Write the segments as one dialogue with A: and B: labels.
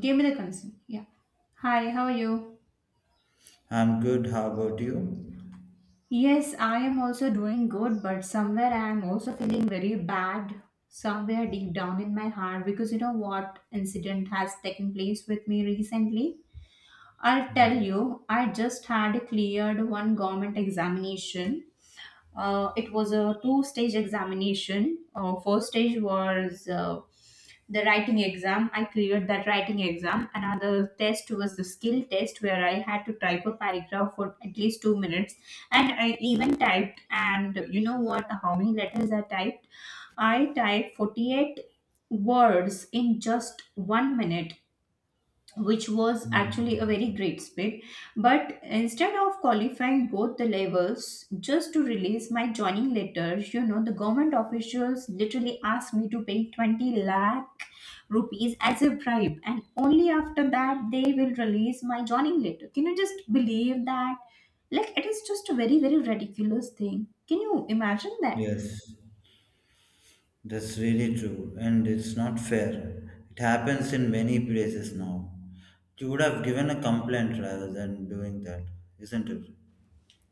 A: Give me the concern. Yeah. Hi, how are you?
B: I'm good. How about you?
A: Yes, I am also doing good, but somewhere I am also feeling very bad, somewhere deep down in my heart, because you know what incident has taken place with me recently? I'll tell
B: Hmm.
A: you, I just had cleared one government examination. It was a two stage examination. First stage was the writing exam. I cleared that writing exam. Another test was the skill test where I had to type a paragraph for at least 2 minutes. And I even typed, and you know what, how many letters I typed? I typed 48 words in just 1 minute, which was actually a
B: Hmm.
A: very great speed. But instead of qualifying both the levels just to release my joining letter, you know, the government officials literally asked me to pay 20 lakh rupees as a bribe, and only after that they will release my joining letter. Can you just believe that? Like, it is just a very, very ridiculous thing. Can you imagine that?
B: Yes, that's really true, and it's not fair. It happens in many places now. You would have given a complaint rather than doing that, isn't it?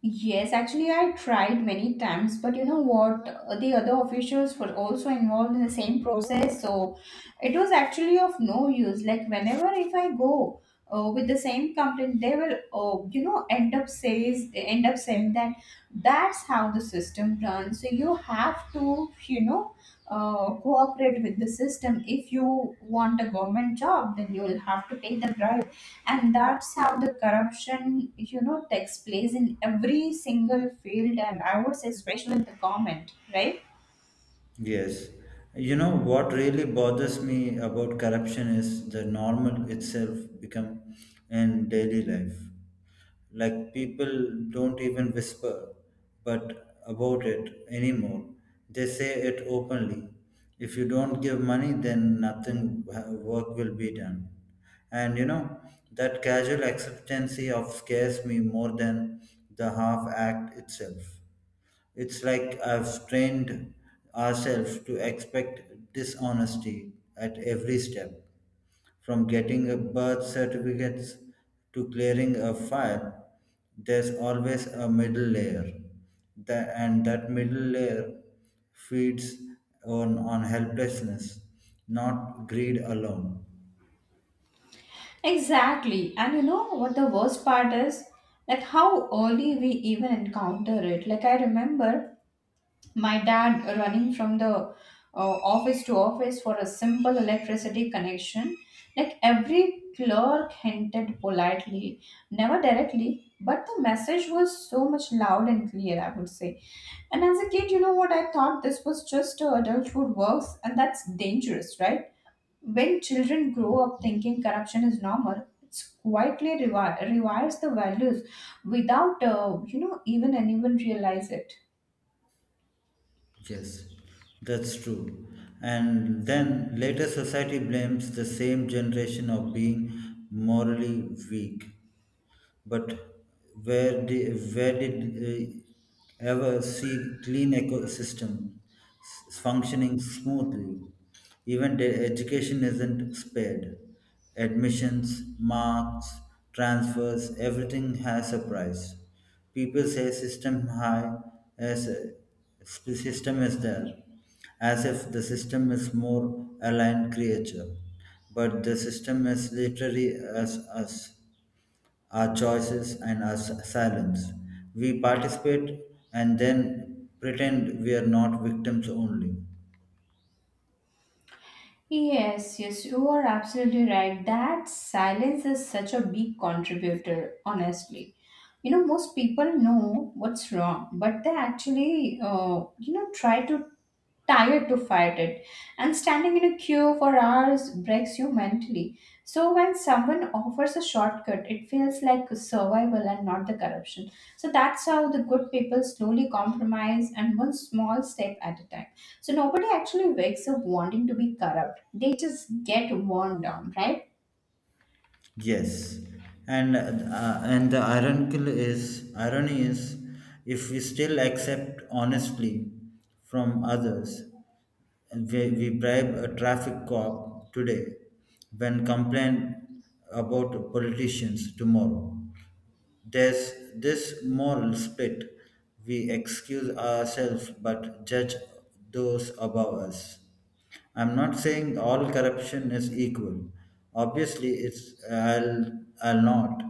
A: Yes, actually, I tried many times, but you know what? The other officials were also involved in the same process, so it was actually of no use. Like, whenever if I go with the same complaint, they will, you know, end up saying that that's how the system runs, so you have to, you know, cooperate with the system. If you want a government job, then you will have to pay the bribe, and that's how the corruption, you know, takes place in every single field, and I would say especially in the government, right?
B: Yes. You know what really bothers me about corruption is the normal itself become in daily life. Like people don't even whisper but about it anymore. They say it openly. If you don't give money, then nothing work will be done. And you know, that casual acceptancy of scares me more than the half act itself. It's like I've trained ourselves to expect dishonesty at every step, from getting a birth certificates to clearing a file. There's always a middle layer, and that middle layer feeds on helplessness, not greed alone.
A: Exactly. And you know what the worst part is? Like how early we even encounter it. Like I remember my dad running from the office to office for a simple electricity connection, like every clerk hinted politely, never directly, but the message was so much loud and clear, I would say. And as a kid, you know what, I thought this was just adulthood works, and that's dangerous, right? When children grow up thinking corruption is normal, it's quietly rewires the values without you know, even anyone realize it.
B: Yes, that's true. And then later society blames the same generation of being morally weak, but where did uh, ever see clean ecosystem functioning smoothly? Even the education isn't spared. Admissions, marks, transfers, everything has a price. People say system high as system is there, as if the system is more aligned creature, but the system is literally as us, our choices, and our silence. We participate and then pretend we are not victims only.
A: Yes, yes, you are absolutely right. That silence is such a big contributor, honestly. You know, most people know what's wrong, but they actually, you know, try to tired to fight it. And standing in a queue for hours breaks you mentally. So when someone offers a shortcut, it feels like survival and not the corruption. So that's how the good people slowly compromise, and one small step at a time. So nobody actually wakes up wanting to be corrupt. They just get worn down, right?
B: Yes, and the ironical is irony is, if we still accept honestly from others, we bribe a traffic cop today, when complain about politicians tomorrow. There's this moral split. We excuse ourselves but judge those above us. I'm not saying all corruption is equal. Obviously, it's I'll not.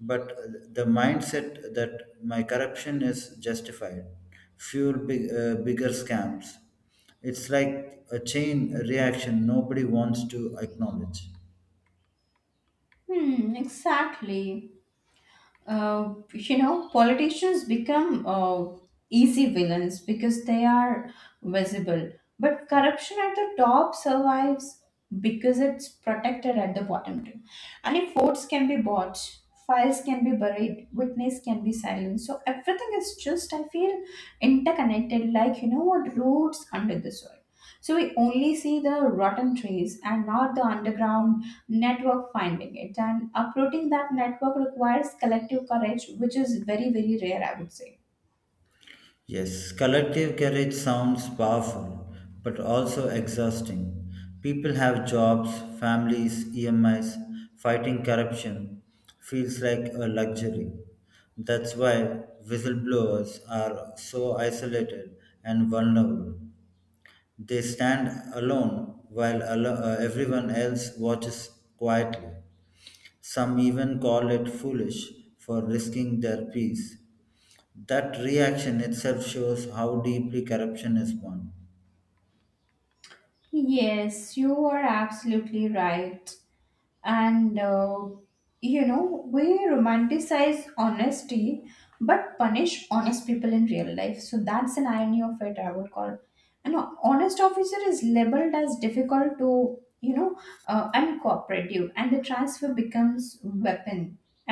B: But the mindset that my corruption is justified, fuel bigger scams. It's like a chain reaction nobody wants to acknowledge.
A: Hmm, exactly. You know, politicians become easy villains because they are visible. But corruption at the top survives because it's protected at the bottom too. And if votes can be bought, files can be buried, witness can be silenced. So everything is just, I feel, interconnected, like, you know what, roots under the soil. So we only see the rotten trees and not the underground network finding it. And uprooting that network requires collective courage, which is very, very rare, I would say.
B: Yes, collective courage sounds powerful, but also exhausting. People have jobs, families, EMIs, fighting corruption feels like a luxury. That's why whistleblowers are so isolated and vulnerable. They stand alone while everyone else watches quietly. Some even call it foolish for risking their peace. That reaction itself shows how deeply corruption is born.
A: Yes, you are absolutely right. And you know, we romanticize honesty but punish honest people in real life, so that's an irony of it, I would call. An honest officer is labeled as difficult to, you know, uncooperative, and the transfer becomes weapon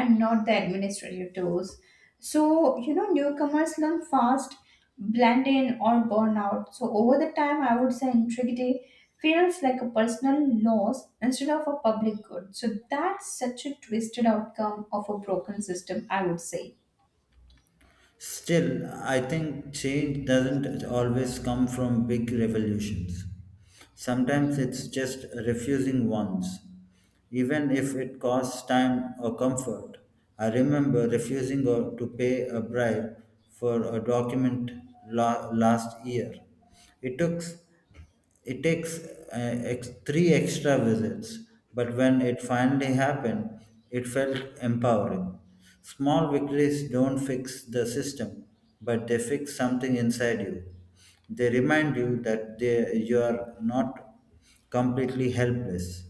A: and not the administrative tools. So, you know, newcomers learn fast, blend in, or burn out. So, over the time, I would say integrity feels like a personal loss instead of a public good. So, that's such a twisted outcome of a broken system, I would say.
B: Still, I think change doesn't always come from big revolutions. Sometimes it's just refusing wants, even if it costs time or comfort. I remember refusing to pay a bribe for a document last year. It took It takes three extra visits, but when it finally happened, it felt empowering. Small victories don't fix the system, but they fix something inside you. They remind you you are not completely helpless.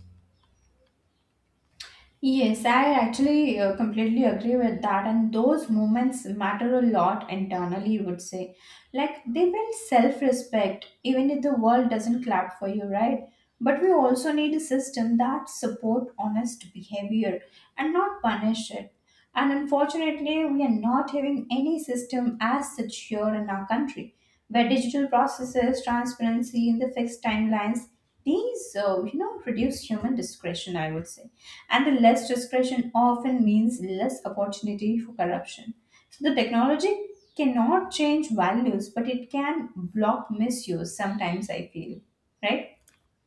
A: Yes, I actually completely agree with that. And those moments matter a lot internally, you would say. Like they build self respect, even if the world doesn't clap for you, right? But we also need a system that support honest behavior and not punish it. And unfortunately, we are not having any system as such here in our country, where digital processes, transparency, and the fixed timelines, these, you know, reduce human discretion, I would say, and the less discretion often means less opportunity for corruption. So the technology cannot change values, but it can block misuse sometimes, I feel, right?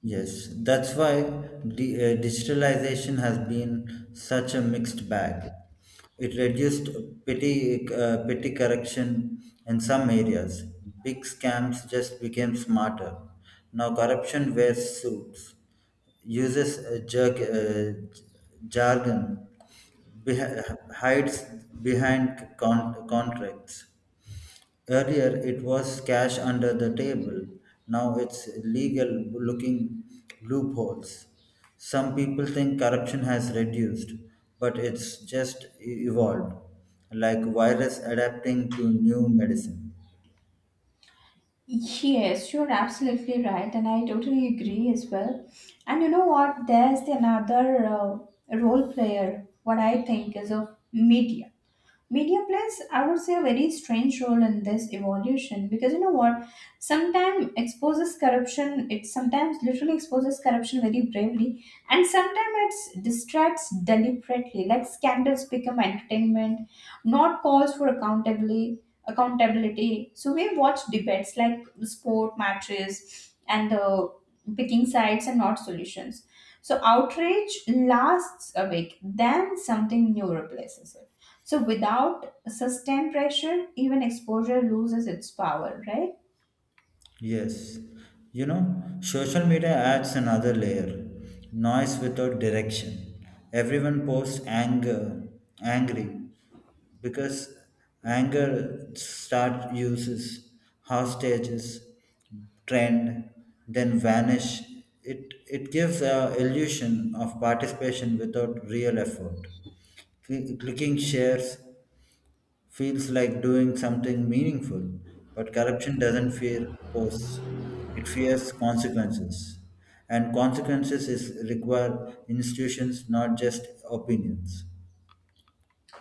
B: Yes, that's why the digitalization has been such a mixed bag. It reduced petty corruption in some areas. Big scams just became smarter. Now corruption wears suits, uses jargon, hides behind contracts. Earlier, it was cash under the table. Now it's legal looking loopholes. Some people think corruption has reduced, but it's just evolved, like virus adapting to new medicine.
A: Yes, you're absolutely right, and I totally agree as well. And you know what? There's another role player, what I think is of media plays, I would say, a very strange role in this evolution, because you know what, sometimes exposes corruption, it sometimes literally exposes corruption very bravely, and sometimes it distracts deliberately, like scandals become entertainment, not calls for accountability. So we watch debates like sport matches, and the picking sides and not solutions. So outrage lasts a week, then something new replaces it. So without sustained pressure, even exposure loses its power, right?
B: Yes, you know, social media adds another layer noise without direction. Everyone posts anger, angry, because anger start uses hostages, trend, then vanish. It gives a illusion of participation without real effort. Clicking shares feels like doing something meaningful, but corruption doesn't fear posts, it fears consequences. And consequences is require institutions, not just opinions.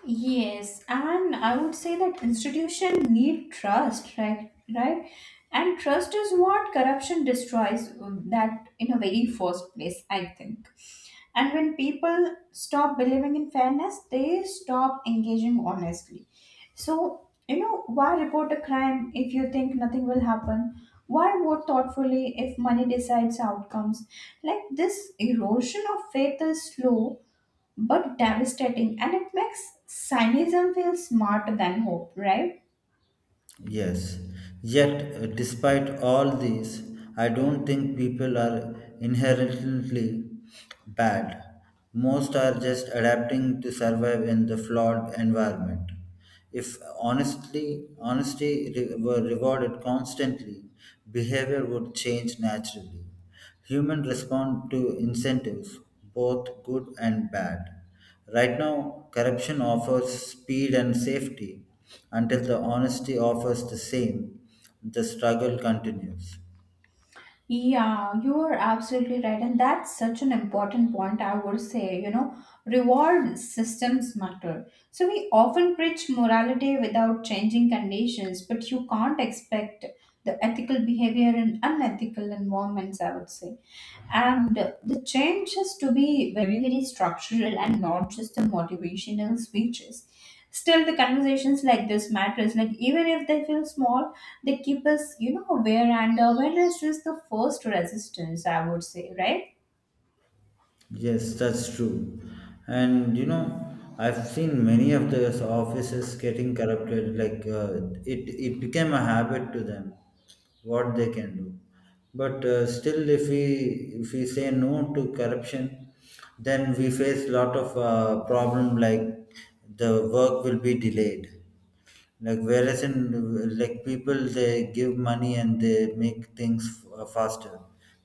A: Yes, and I would say that institution need trust, right? Right, and trust is what corruption destroys. That in a very first place, I think. And when people stop believing in fairness, they stop engaging honestly. So you know, why report a crime if you think nothing will happen? Why vote thoughtfully if money decides outcomes? Like this erosion of faith is slow but devastating, and it makes cynicism feel smarter than hope, right?
B: Yes, yet despite all these, I don't think people are inherently bad. Most are just adapting to survive in the flawed environment. If honestly, honesty were rewarded constantly, behavior would change naturally. Humans respond to incentives, both good and bad. Right now, corruption offers speed and safety. Until the honesty offers the same, the struggle continues.
A: Yeah, you are absolutely right, and that's such an important point, I would say. You know, reward systems matter. So we often preach morality without changing conditions, but you can't expect the ethical behavior in unethical environments, I would say. And the change has to be very, very structural and not just the motivational speeches. Still, the conversations like this matters, like even if they feel small, they keep us, you know, aware, and awareness is the first resistance, I would say, right?
B: Yes, that's true. And you know, I've seen many of those offices getting corrupted. Like it became a habit to them what they can do. But still, if we say no to corruption, then we face lot of problem like the work will be delayed. Like whereas in like people they give money and they make things faster.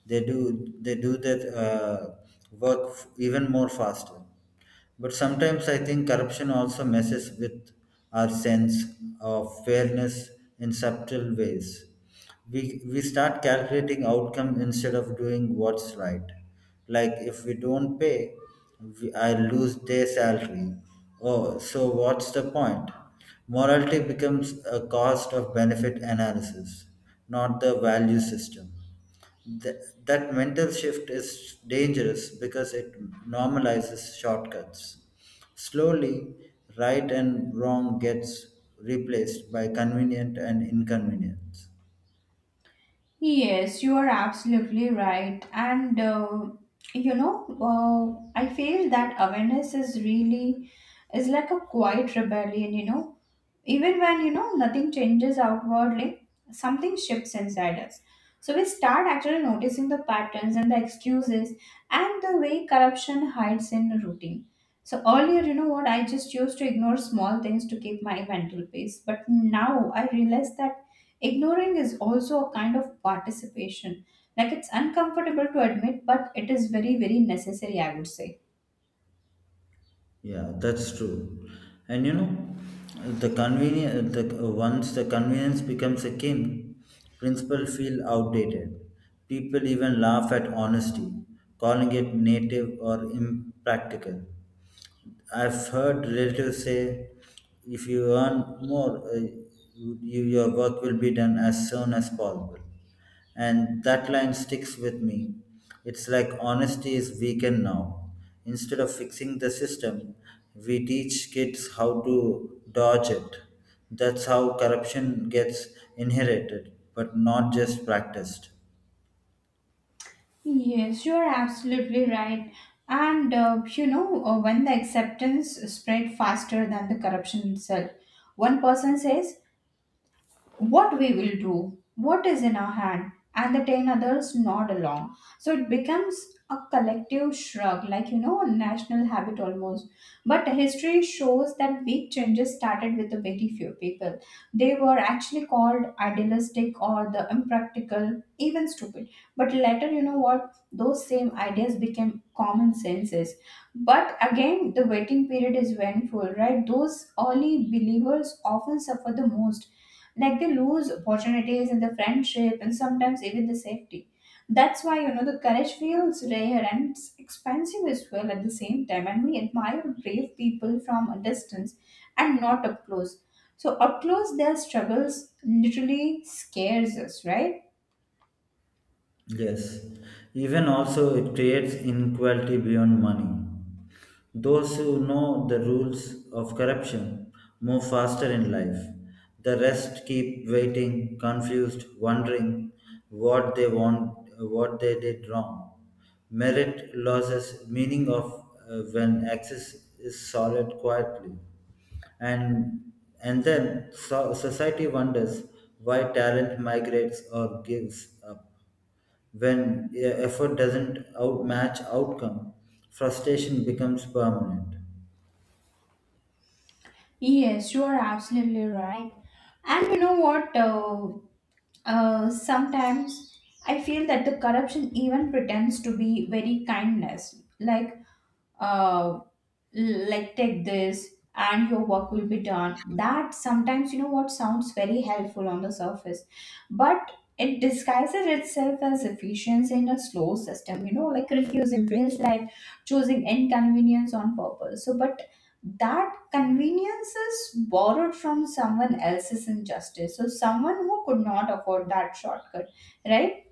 B: They do that work even more faster. But sometimes I think corruption also messes with our sense of fairness in subtle ways. We start calculating outcome instead of doing what's right. Like if we don't pay, I lose their salary. Oh, so what's the point? Morality becomes a cost of benefit analysis, not the value system. That mental shift is dangerous because it normalizes shortcuts. Slowly, right and wrong gets replaced by convenient and inconvenience.
A: Yes, you are absolutely right. And you know, I feel that awareness is really is like a quiet rebellion. You know, even when you know nothing changes outwardly, something shifts inside us. So we start actually noticing the patterns and the excuses and the way corruption hides in routine. So earlier, you know what, I just used to ignore small things to keep my mental peace. But now I realize that ignoring is also a kind of participation. Like it's uncomfortable to admit, but it is very, very necessary, I would say.
B: Yeah, that's true. And you know, the convenience the once the convenience becomes a king, principles feel outdated. People even laugh at honesty, calling it native or impractical. I've heard relatives say, if you earn more, you, your work will be done as soon as possible. And that line sticks with me. It's like honesty is weakened now. Instead of fixing the system, we teach kids how to dodge it. That's how corruption gets inherited, but not just practiced.
A: Yes, you are absolutely right. And you know, when the acceptance spread faster than the corruption itself, one person says, what we will do, what is in our hand, and the 10 others nod along. So it becomes a collective shrug, like, you know, a national habit almost. But history shows that big changes started with the very few people. They were actually called idealistic or the impractical, even stupid. But later, you know what? Those same ideas became common senses. But again, the waiting period is painful, right? Those early believers often suffer the most, like they lose opportunities in the friendship and sometimes even the safety. That's why, you know, the courage feels rare and it's expensive as well at the same time, and we admire brave people from a distance and not up close. So up close, their struggles literally scares us, right?
B: Yes, even also it creates inequality beyond money. Those who know the rules of corruption move faster in life. The rest keep waiting, confused, wondering what they want, what they did wrong. Merit loses meaning of when access is solid quietly, and and then society wonders why talent migrates or gives up. When effort doesn't outmatch outcome, frustration becomes permanent.
A: Yes, you are absolutely right. And you know what, sometimes I feel that the corruption even pretends to be very kindness. Uh, like take this and your work will be done, that sometimes, you know what, sounds very helpful on the surface, but it disguises itself as efficiency in a slow system, you know, like refusing feels like choosing inconvenience on purpose. So but that convenience is borrowed from someone else's injustice, so someone who could not afford that shortcut, right?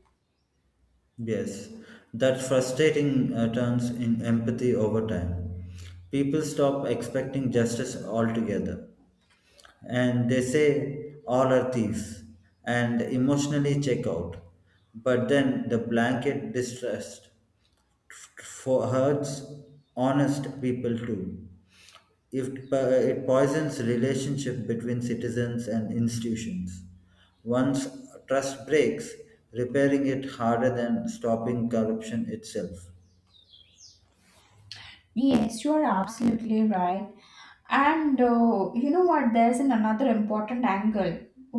B: Yes, that frustrating turns in empathy over time. People stop expecting justice altogether and they say all are thieves and emotionally check out. But then the blanket distrust for hurts honest people too. If it po- it poisons relationship between citizens and institutions. Once trust breaks, repairing it harder than stopping corruption itself.
A: Yes, you are absolutely right. And you know what? There's an another important angle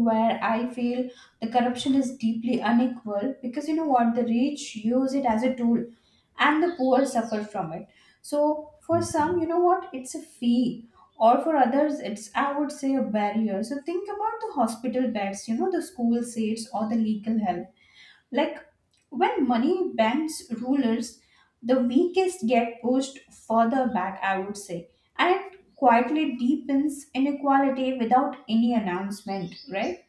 A: where I feel the corruption is deeply unequal, because you know what? The rich use it as a tool and the poor suffer from it. So for some, you know what? It's a fee. Or for others, it's, I would say, a barrier. So think about the hospital beds, you know, the school seats or the legal help. Like when money bends rulers, the weakest get pushed further back, I would say, and it quietly deepens inequality without any announcement, right?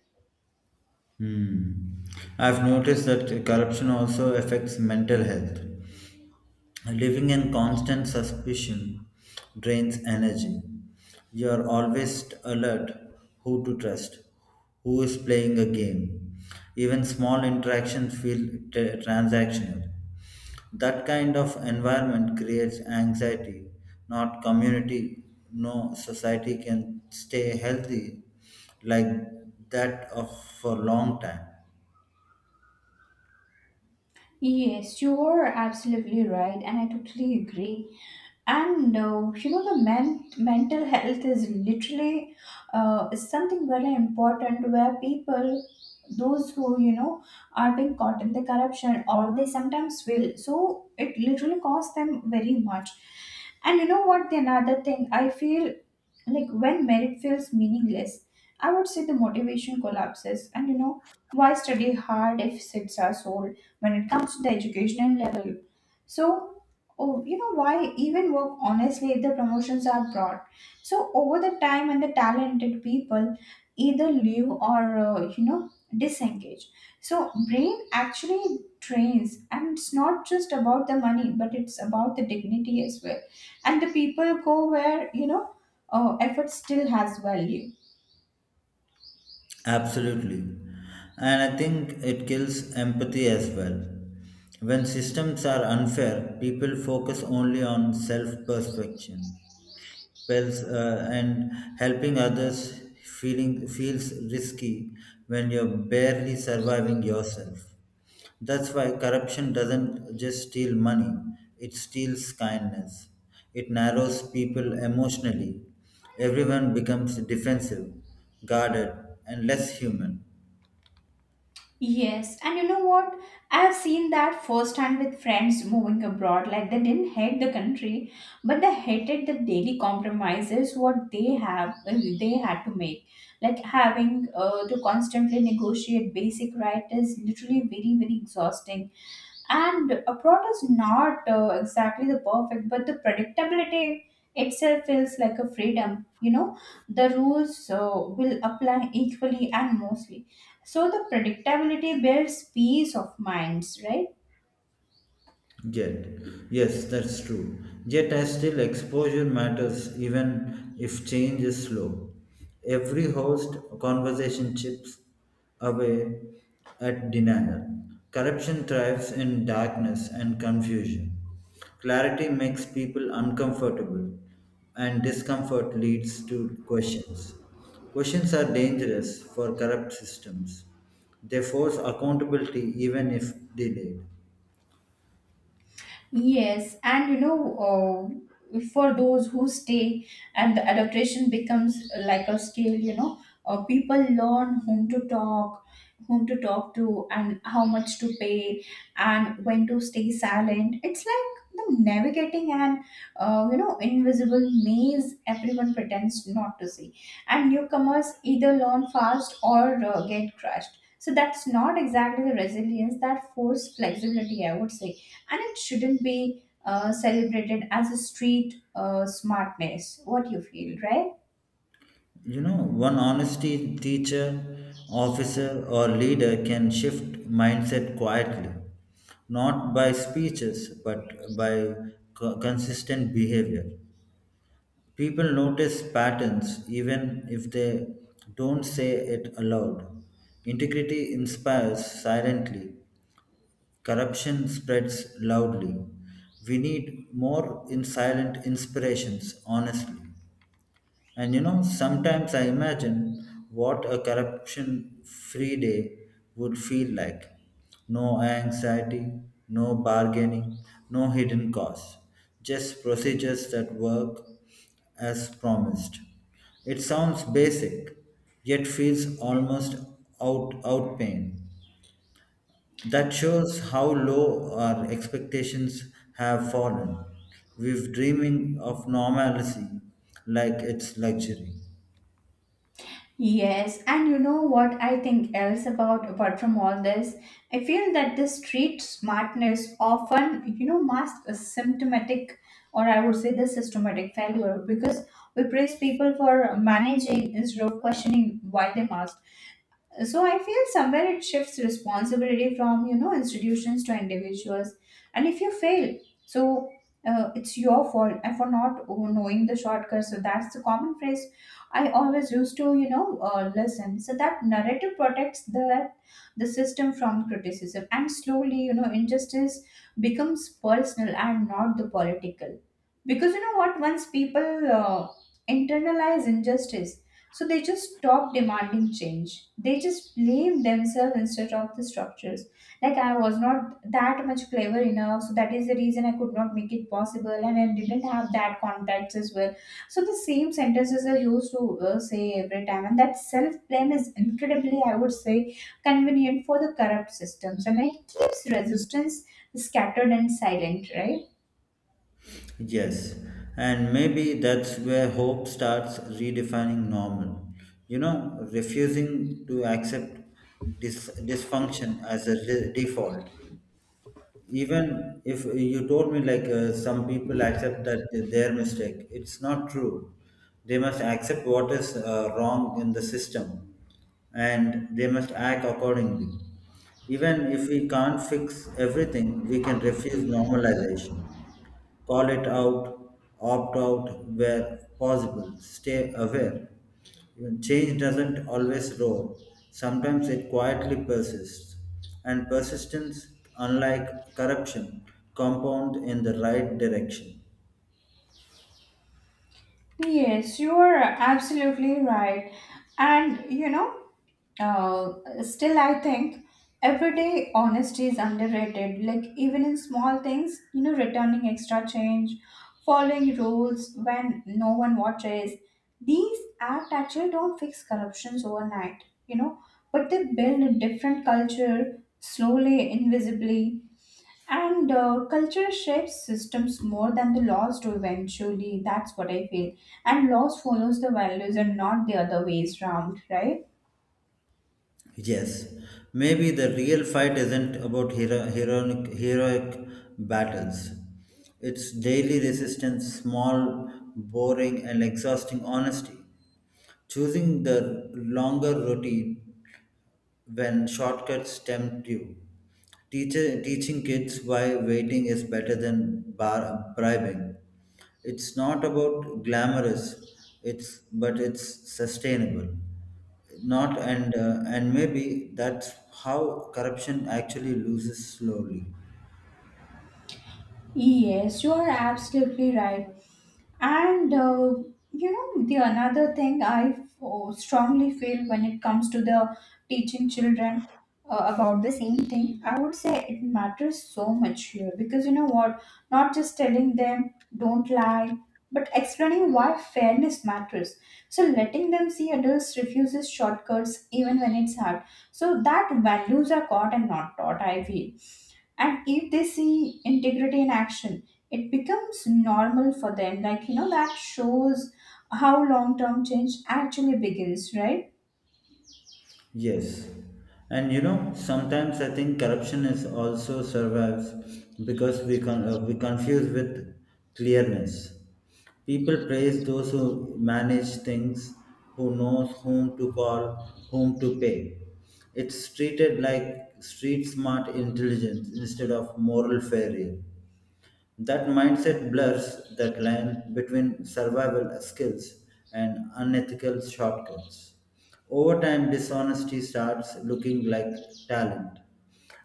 B: Hmm. I've noticed that corruption also affects mental health. Living in constant suspicion drains energy. You are always alert who to trust, who is playing a game. Even small interactions feel transactional. That kind of environment creates anxiety, not community. No society can stay healthy like that of for a long time.
A: Yes, you are absolutely right, and I totally agree. And you know, the mental health is literally is something very important, where people, those who you know are being caught in the corruption, or they sometimes will. So it literally costs them very much. And you know what? The another thing I feel like when merit feels meaningless, I would say the motivation collapses. And you know why study hard if seats are sold when it comes to the educational level? So oh, you know, why even work honestly if the promotions are broad? So over the time, and the talented people either leave or disengage. So brain actually trains, and it's not just about the money, but it's about the dignity as well. And the people go where, you know, oh, effort still has value.
B: Absolutely. And I think it kills empathy as well. When systems are unfair, people focus only on self perfection well, and helping others feeling feels risky when you're barely surviving yourself. That's why corruption doesn't just steal money, it steals kindness. It narrows people emotionally. Everyone becomes defensive, guarded, and less human.
A: Yes, and you know what? I've seen that firsthand with friends moving abroad. Like they didn't hate the country, but they hated the daily compromises what they have they had to make. Like having to constantly negotiate basic rights is literally very very exhausting. And abroad is not exactly the perfect, but the predictability itself feels like a freedom. You know, the rules will apply equally and mostly, so the predictability builds peace of minds, right?
B: Jet. Yes, that's true. Jet has still exposure matters even if change is slow. Every host conversation chips away at denial. Corruption thrives in darkness and confusion. Clarity makes people uncomfortable, and discomfort leads to questions. Questions are dangerous for corrupt systems. They force accountability even if delayed.
A: Yes, and you know, for those who stay, and the adaptation becomes like a skill. You know, people learn whom to talk to, and how much to pay, and when to stay silent. It's like the navigating an you know, invisible maze everyone pretends not to see. And newcomers either learn fast or get crushed. So that's not exactly the resilience, that forced flexibility, I would say. And it shouldn't be celebrated as a street smartness. What you feel, right?
B: You know, one honesty teacher, officer, or leader can shift mindset quietly, not by speeches, but by consistent behavior. People notice patterns even if they don't say it aloud. Integrity inspires silently, corruption spreads loudly. We need more in silent inspirations, honestly. And you know, sometimes I imagine what a corruption free day would feel like. No anxiety, no bargaining, no hidden costs, just procedures that work as promised. It sounds basic, yet feels almost out out pain. That shows how low our expectations have fallen. We've dreaming of normalcy like it's luxury.
A: Yes, and you know what I think else about apart from all this? I feel that the street smartness often, you know, masks a symptomatic, or I would say the systematic failure, because we praise people for managing instead of questioning why they mask. So I feel somewhere it shifts responsibility from, you know, institutions to individuals. And if you fail, so it's your fault and for not knowing the shortcut. So that's the common phrase I always used to, you know, listen. So that narrative protects the system from criticism. And slowly, you know, injustice becomes personal and not the political. Because, you know what, once people internalize injustice, so they just stop demanding change. They just blame themselves instead of the structures. Like I was not that much clever enough, so that is the reason I could not make it possible, and I didn't have that contacts as well. So the same sentences are used to say every time, and that self blame is incredibly, I would say, convenient for the corrupt systems, and it keeps resistance scattered and silent, right?
B: Yes, and maybe that's where hope starts redefining normal. You know, refusing to accept dysfunction as a default. Even if you told me, like, some people accept that their mistake, it's not true. They must accept what is wrong in the system and they must act accordingly. Even if we can't fix everything, we can refuse normalization. Call it out, opt out where possible, stay aware. Even change doesn't always roar, sometimes it quietly persists. And persistence, unlike corruption, compound in the right direction.
A: Yes, you are absolutely right, and you know. Uh, Still, I think everyday honesty is underrated. Like, even in small things, you know, returning extra change, following rules when no one watches. These acts actually don't fix corruptions overnight, you know, but they build a different culture slowly, invisibly. And culture shapes systems more than the laws do eventually. That's what I feel. And laws follows the values and not the other ways round, right?
B: Yes, maybe the real fight isn't about heroic battles. It's daily resistance, small, boring, and exhausting honesty. Choosing the longer routine when shortcuts tempt you. Teaching kids why waiting is better than bribing. It's not about glamorous, it's but it's sustainable. Not and and maybe that's how corruption actually loses slowly.
A: Yes, you are absolutely right. And you know, the another thing I strongly feel when it comes to the teaching children about the same thing, I would say it matters so much here. Because you know what, not just telling them don't lie, but explaining why fairness matters. So letting them see adults refuses shortcuts even when it's hard. So that values are caught and not taught, I feel. And if they see integrity in action, it becomes normal for them. Like, you know, that shows how long term change actually begins, right?
B: Yes. And you know, sometimes I think corruption is also survives because we confuse with clearness. People praise those who manage things, who knows whom to call, whom to pay. It's treated like street smart intelligence instead of moral failure. That mindset blurs that line between survival skills and unethical shortcuts. Over time, dishonesty starts looking like talent,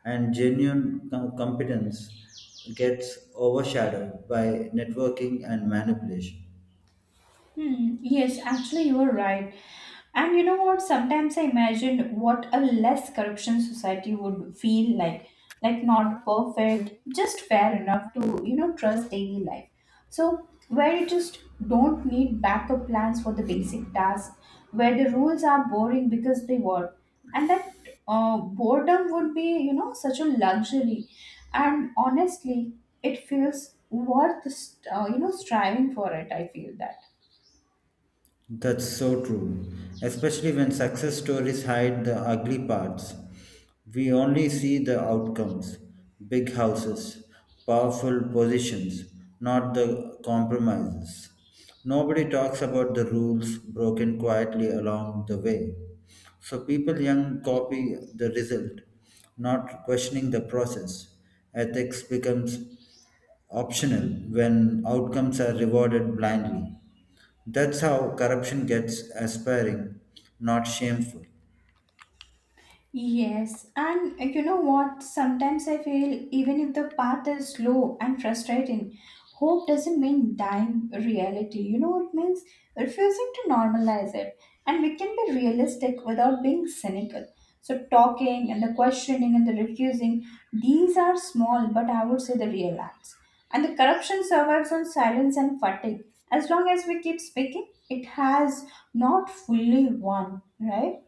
B: and genuine competence gets overshadowed by networking and manipulation.
A: Hmm, yes, actually, you are right. And you know what? Sometimes I imagine what a less corruption society would feel like. Like, not perfect, just fair enough to, you know, trust daily life. So, where you just don't need backup plans for the basic tasks, where the rules are boring because they were. And that boredom would be, you know, such a luxury. And honestly, it feels worth, you know, striving for it. I feel that.
B: That's so true, especially when success stories hide the ugly parts. We only see the outcomes big houses, powerful positions, not the compromises. Nobody talks about the rules broken quietly along the way. So people young copy the result, not questioning the process. Ethics becomes optional when outcomes are rewarded blindly. That's how corruption gets aspiring, not shameful.
A: Yes, and you know what? Sometimes I feel even if the path is slow and frustrating, hope doesn't mean dying reality. You know, it means refusing to normalize it. And we can be realistic without being cynical. So, talking and the questioning and the refusing, these are small, but I would say the real acts. And the corruption survives on silence and fatigue. As long as we keep speaking, it has not fully won, right?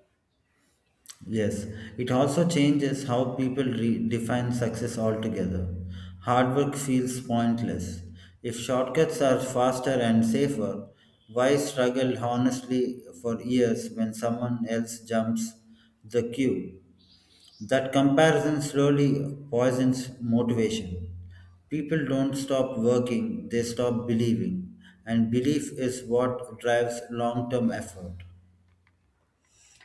B: Yes, it also changes how people define success altogether. Hard work feels pointless. If shortcuts are faster and safer, why struggle honestly for years when someone else jumps the queue? That comparison slowly poisons motivation. People don't stop working, they stop believing. And belief is what drives long term effort.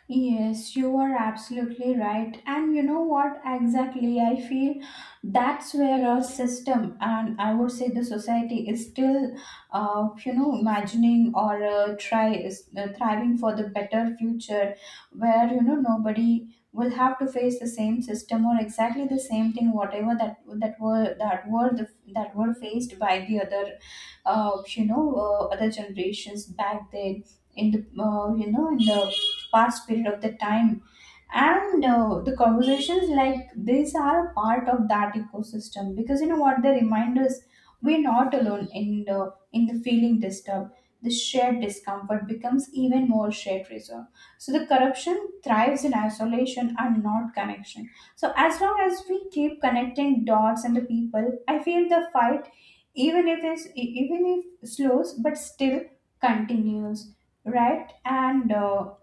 A: Yes, you are absolutely right. And you know what exactly? I feel that's where our system, and I would say the society, is still, you know, imagining, or try is thriving for the better future, where, you know, nobody will have to face the same system or exactly the same thing, whatever that were faced by the other other generations back then in the in the past period of the time. And the conversations like these are a part of that ecosystem, because you know what, they remind us we're not alone in the feeling disturbed. The shared discomfort becomes even more shared resolve. So the corruption thrives in isolation and not connection. So as long as we keep connecting dots and the people, I feel the fight, even if it's even if slows, but still continues, right? And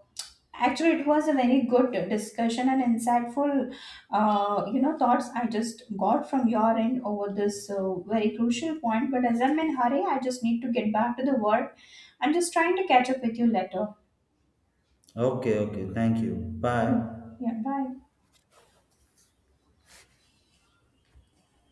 A: actually, it was a very good discussion and insightful, you know, thoughts I just got from your end over this very crucial point. But as I'm in hurry, I just need to get back to the work. I'm just trying to catch up with you later.
B: Okay, okay, thank you.
A: Yeah,
B: Bye.
A: yeah. Bye.